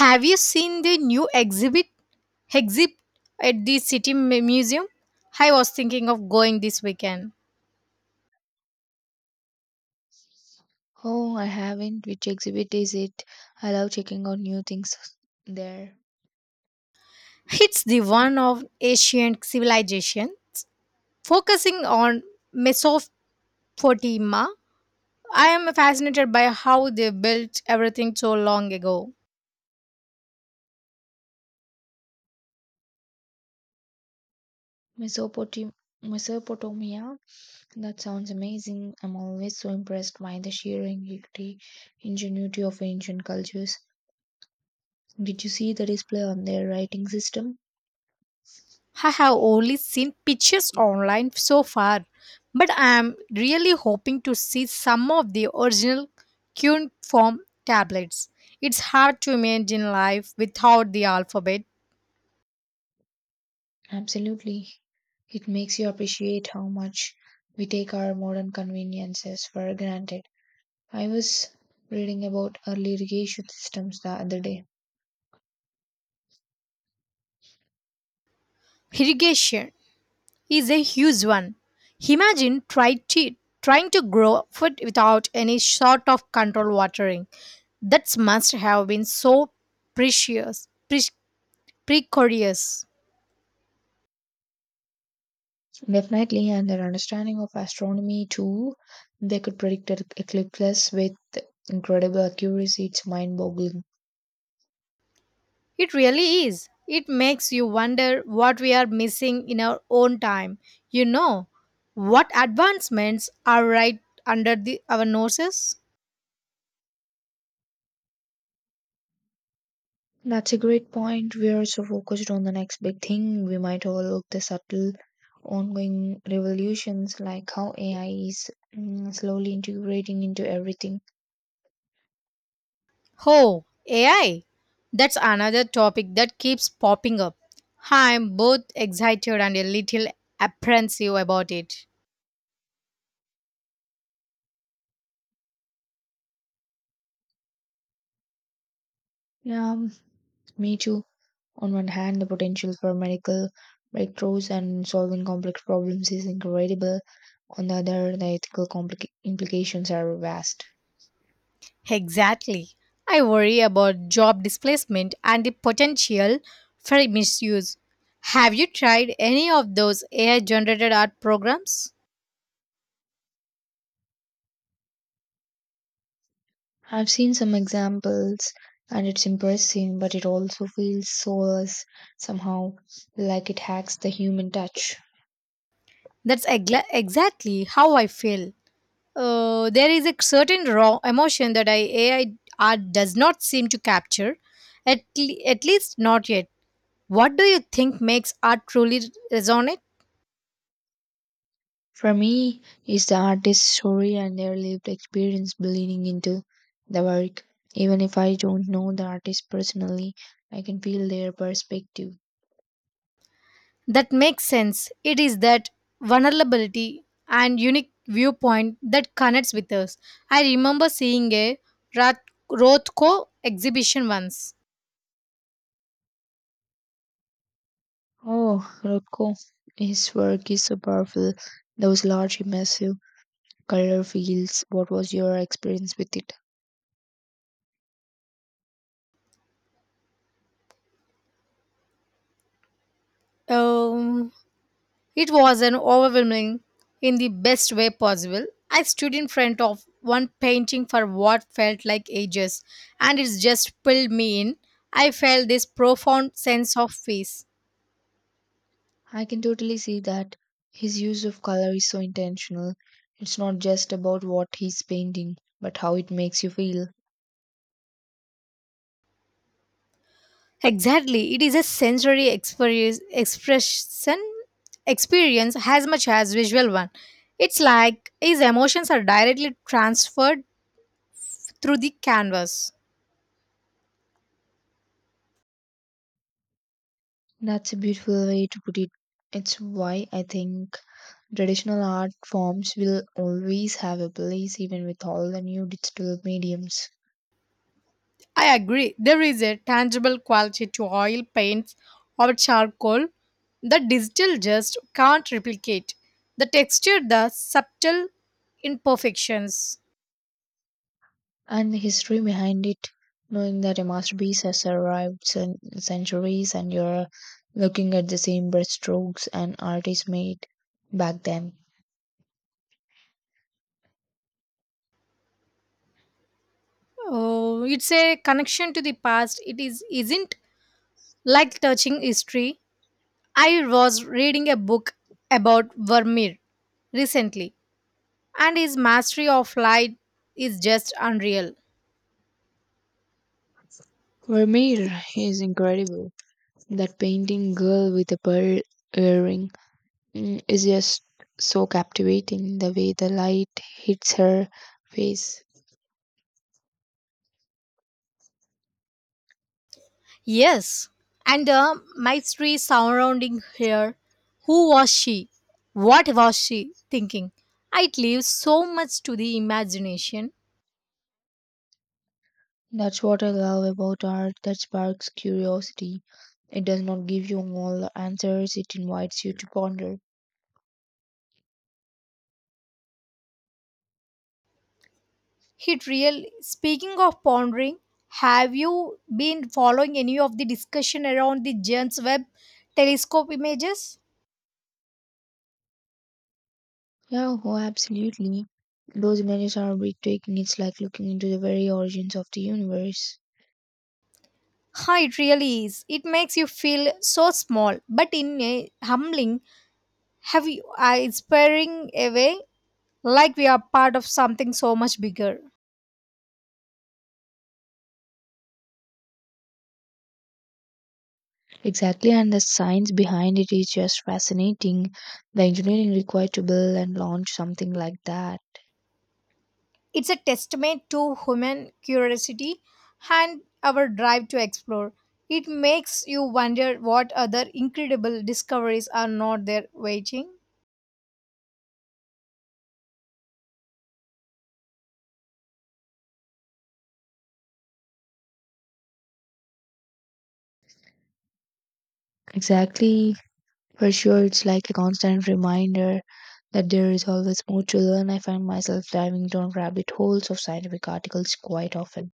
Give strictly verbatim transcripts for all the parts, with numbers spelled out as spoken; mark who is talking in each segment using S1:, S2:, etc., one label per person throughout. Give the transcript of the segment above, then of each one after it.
S1: Have you seen the new exhibit exhibit at the City Mu- Museum? I was thinking of going this weekend.
S2: Oh, I haven't. Which exhibit is it? I love checking out new things there.
S1: It's the one of ancient civilizations, focusing on Mesopotamia. I am fascinated by how they built everything so long ago.
S2: Mesopotam- Mesopotamia? That sounds amazing. I'm always so impressed by the sheer ingenuity ingenuity of ancient cultures. Did you see the display on their writing system?
S1: I have only seen pictures online so far, but I am really hoping to see some of the original cuneiform tablets. It's hard to imagine life without the alphabet.
S2: Absolutely. It makes you appreciate how much we take our modern conveniences for granted. I was reading about early irrigation systems the other day.
S1: Irrigation is a huge one. Imagine try to, trying to grow food without any sort of controlled watering. That must have been so precious, pre- precarious.
S2: Definitely, and their understanding of astronomy too. They could predict e- eclipses with incredible accuracy. It's mind boggling.
S1: It really is. It makes you wonder what we are missing in our own time. You know, what advancements are right under the, our noses?
S2: That's a great point. We are so focused on the next big thing, we might overlook the subtle ongoing revolutions like how A I is mm, slowly integrating into everything.
S1: Oh, A I. That's another topic that keeps popping up. I'm both excited and a little apprehensive about it.
S2: Yeah, me too. On one hand, the potential for medical breakthroughs and solving complex problems is incredible. On the other, the ethical complica- implications are vast.
S1: Exactly. I worry about job displacement and the potential for misuse. Have you tried any of those A I generated art programs?
S2: I've seen some examples and it's impressive, but it also feels soulless somehow, like it hacks the human touch.
S1: That's egla exactly how I feel. Uh, there is a certain raw emotion that I, A I art does not seem to capture, at, le- at least not yet. What do you think makes art truly resonate?
S2: For me, it's the artist's story and their lived experience bleeding into the work. Even if I don't know the artist personally, I can feel their perspective.
S1: That makes sense. It is that vulnerability and unique viewpoint that connects with us. I remember seeing a Roth- Rothko exhibition once.
S2: Oh, Rothko, his work is so powerful. Those large, immersive color fields. What was your experience with it?
S1: Um, It was an overwhelming in the best way possible. I stood in front of one painting for what felt like ages, and it just pulled me in. I felt this profound sense of peace.
S2: I can totally see that his use of color is so intentional. It's not just about what he's painting, but how it makes you feel.
S1: Exactly, it is a sensory experience, expression experience as much as visual one. It's like his emotions are directly transferred through the canvas.
S2: That's a beautiful way to put it. It's why I think traditional art forms will always have a place even with all the new digital mediums.
S1: I agree. There is a tangible quality to oil paints or charcoal that digital just can't replicate. The texture, the subtle imperfections.
S2: And the history behind it, knowing that a masterpiece has survived cen- centuries and you're looking at the same brushstrokes an artist made back then.
S1: Oh, it's a connection to the past. It is Isn't like touching history. I was reading a book about Vermeer recently, and his mastery of light is just unreal.
S2: Vermeer is incredible. That painting girl with a pearl earring mm, is just so captivating. The way the light hits her face.
S1: Yes, and the mystery surrounding her. Who was she? What was she thinking? It leaves so much to the imagination.
S2: That's what I love about art that sparks curiosity. It does not give you all the answers, it invites you to ponder.
S1: It really. Speaking of pondering, have you been following any of the discussion around the James Webb telescope images?
S2: Yeah, oh, absolutely. Those images are breathtaking. It's like looking into the very origins of the universe.
S1: Huh, it really is. It makes you feel so small, but in a humbling, have you uh, inspiring a way, like we are part of something so much bigger.
S2: Exactly, and the science behind it is just fascinating. The engineering required to build and launch something like that.
S1: It's a testament to human curiosity and our drive to explore. It makes you wonder what other incredible discoveries are not there waiting.
S2: Exactly. For sure, it's like a constant reminder that there is always more to learn. I find myself diving down rabbit holes of scientific articles quite often.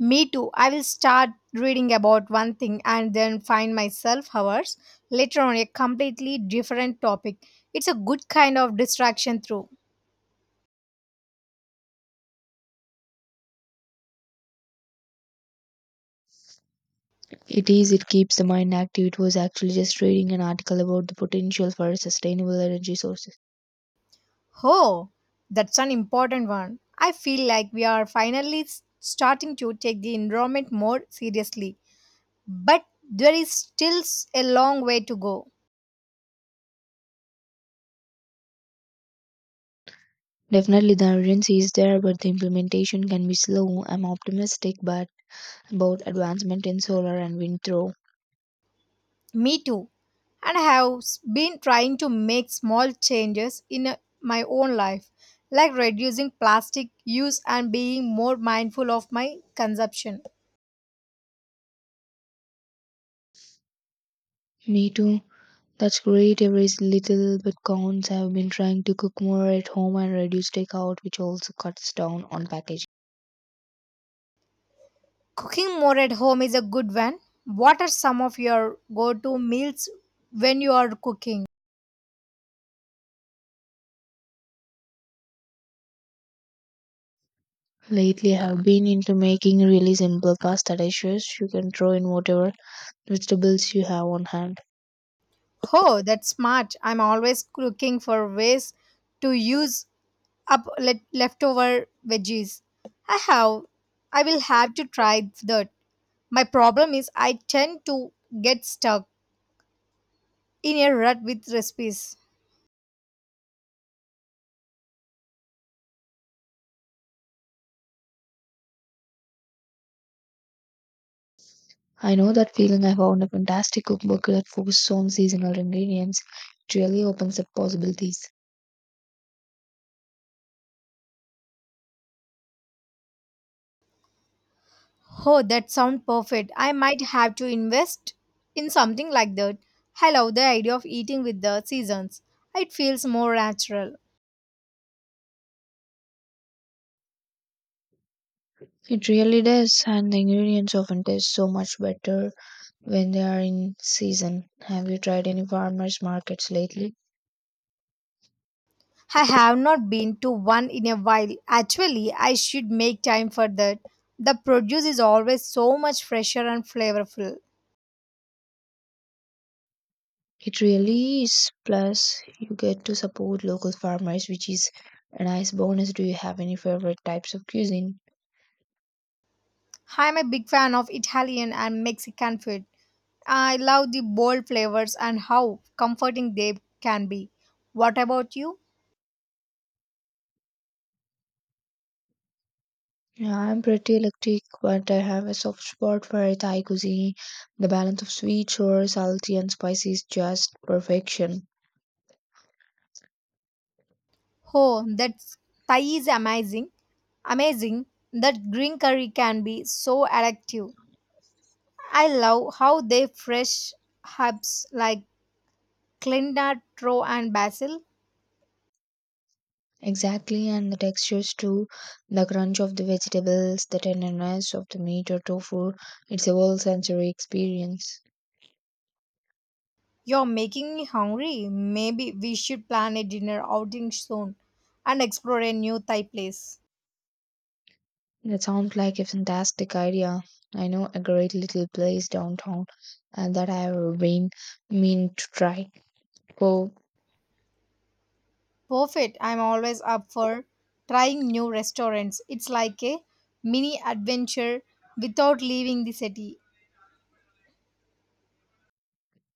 S1: Me too. I will start reading about one thing and then find myself hours later on a completely different topic. It's a good kind of distraction through.
S2: It is, it keeps the mind active. It was actually just reading an article about the potential for sustainable energy sources.
S1: Oh, that's an important one. I feel like we are finally s- starting to take the environment more seriously. But there is still s- a long way to go.
S2: Definitely, the urgency is there, but the implementation can be slow. I'm optimistic but about advancement in solar and wind, though.
S1: Me too. And I have s- been trying to make small changes in uh, my own life, like reducing plastic use and being more mindful of my consumption.
S2: Me too. That's great. Every little bit counts. I've been trying to cook more at home and reduce takeout, which also cuts down on packaging.
S1: Cooking more at home is a good one. What are some of your go to meals when you are cooking?
S2: Lately, I've been into making really simple pasta dishes. You can throw in whatever vegetables you have on hand.
S1: Oh, that's smart. I'm always looking for ways to use up le- leftover veggies. I have. I will have to try that. My problem is I tend to get stuck in a rut with recipes.
S2: I know that feeling. I found a fantastic cookbook that focuses on seasonal ingredients. It really opens up possibilities.
S1: Oh, that sounds perfect. I might have to invest in something like that. I love the idea of eating with the seasons. It feels more natural.
S2: It really does, and the ingredients often taste so much better when they are in season. Have you tried any farmers markets lately?
S1: I have not been to one in a while. Actually, I should make time for that. The produce is always so much fresher and flavorful.
S2: It really is. Plus, you get to support local farmers, which is a nice bonus. Do you have any favorite types of cuisine?
S1: I'm a big fan of Italian and Mexican food. I love the bold flavors and how comforting they can be. What about you?
S2: Yeah, I'm pretty eclectic, but I have a soft spot for Thai cuisine. The balance of sweet, sour, salty, and spicy is just perfection.
S1: Oh, that Thai is amazing. Amazing. That green curry can be so addictive. I love how they fresh herbs like coriander, tro and basil.
S2: Exactly, and the textures too. The crunch of the vegetables, the tenderness of the meat or tofu. It's a whole sensory experience.
S1: You're making me hungry. Maybe we should plan a dinner outing soon and explore a new Thai place.
S2: That sounds like a fantastic idea. I know a great little place downtown and that I've been mean to try. Oh,
S1: Perfect. I'm always up for trying new restaurants. It's like a mini adventure without leaving the city.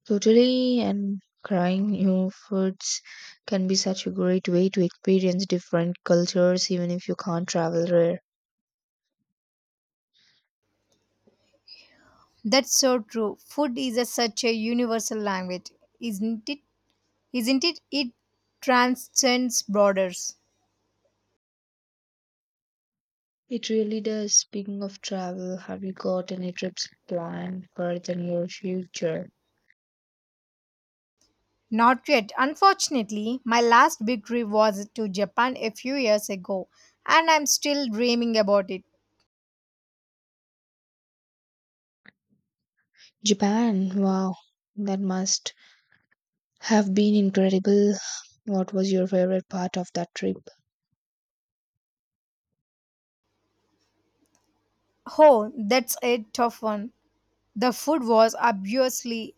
S2: totally and trying new foods can be such a great way to experience different cultures even if you can't travel rare.
S1: That's so true. Food is a, such a universal language, isn't it? Isn't it? It transcends borders.
S2: It really does. Speaking of travel, have you got any trips planned for the near future?
S1: Not yet. Unfortunately, my last big trip was to Japan a few years ago, and I'm still dreaming about it.
S2: Japan, wow, that must have been incredible. What was your favorite part of that trip?
S1: Oh, that's a tough one. The food was obviously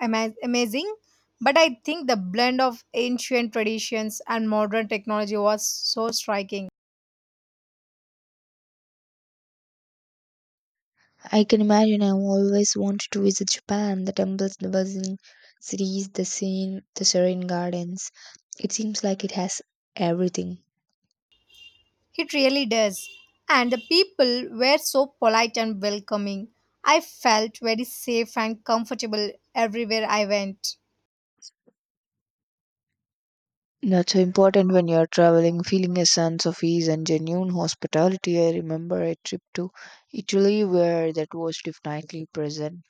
S1: ama- amazing. But I think the blend of ancient traditions and modern technology was so striking.
S2: I can imagine I always wanted to visit Japan, the temples, the buzzing cities, the scene, the serene gardens. It seems like it has everything.
S1: It really does. And the people were so polite and welcoming. I felt very safe and comfortable everywhere I went.
S2: That's so important when you're traveling, feeling a sense of ease and genuine hospitality. I remember a trip to Italy where that was definitely present.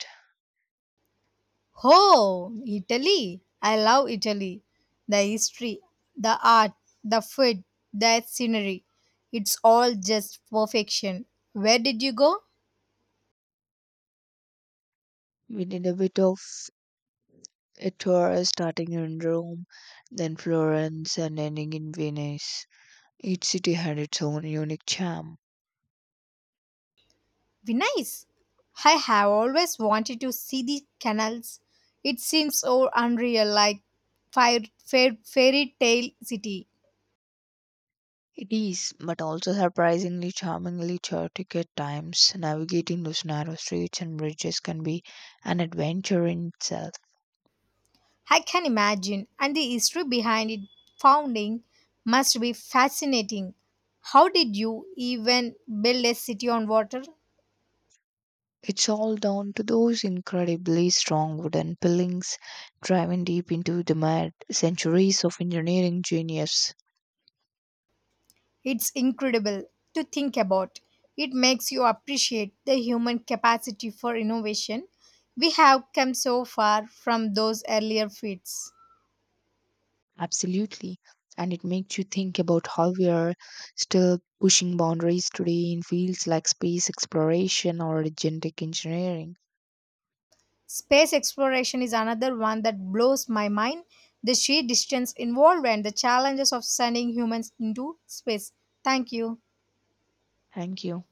S1: Oh, Italy! I love Italy. The history, the art, the food, the scenery. It's all just perfection. Where did you go?
S2: We did a bit of a tour starting in Rome, then Florence, and ending in Venice. Each city had its own unique charm.
S1: Venice. I have always wanted to see the canals. It seems so unreal, like fire, fair, fairy tale city.
S2: It is, but also surprisingly charmingly chaotic at times. Navigating those narrow streets and bridges can be an adventure in itself.
S1: I can imagine, and the history behind it founding must be fascinating. How did you even build a city on water?
S2: It's all down to those incredibly strong wooden pilings driving deep into the mud, centuries of engineering genius.
S1: It's incredible to think about. It makes you appreciate the human capacity for innovation. We have come so far from those earlier feats.
S2: Absolutely. And it makes you think about how we are still pushing boundaries today in fields like space exploration or genetic engineering.
S1: Space exploration is another one that blows my mind. The sheer distance involved and the challenges of sending humans into space. Thank you.
S2: Thank you.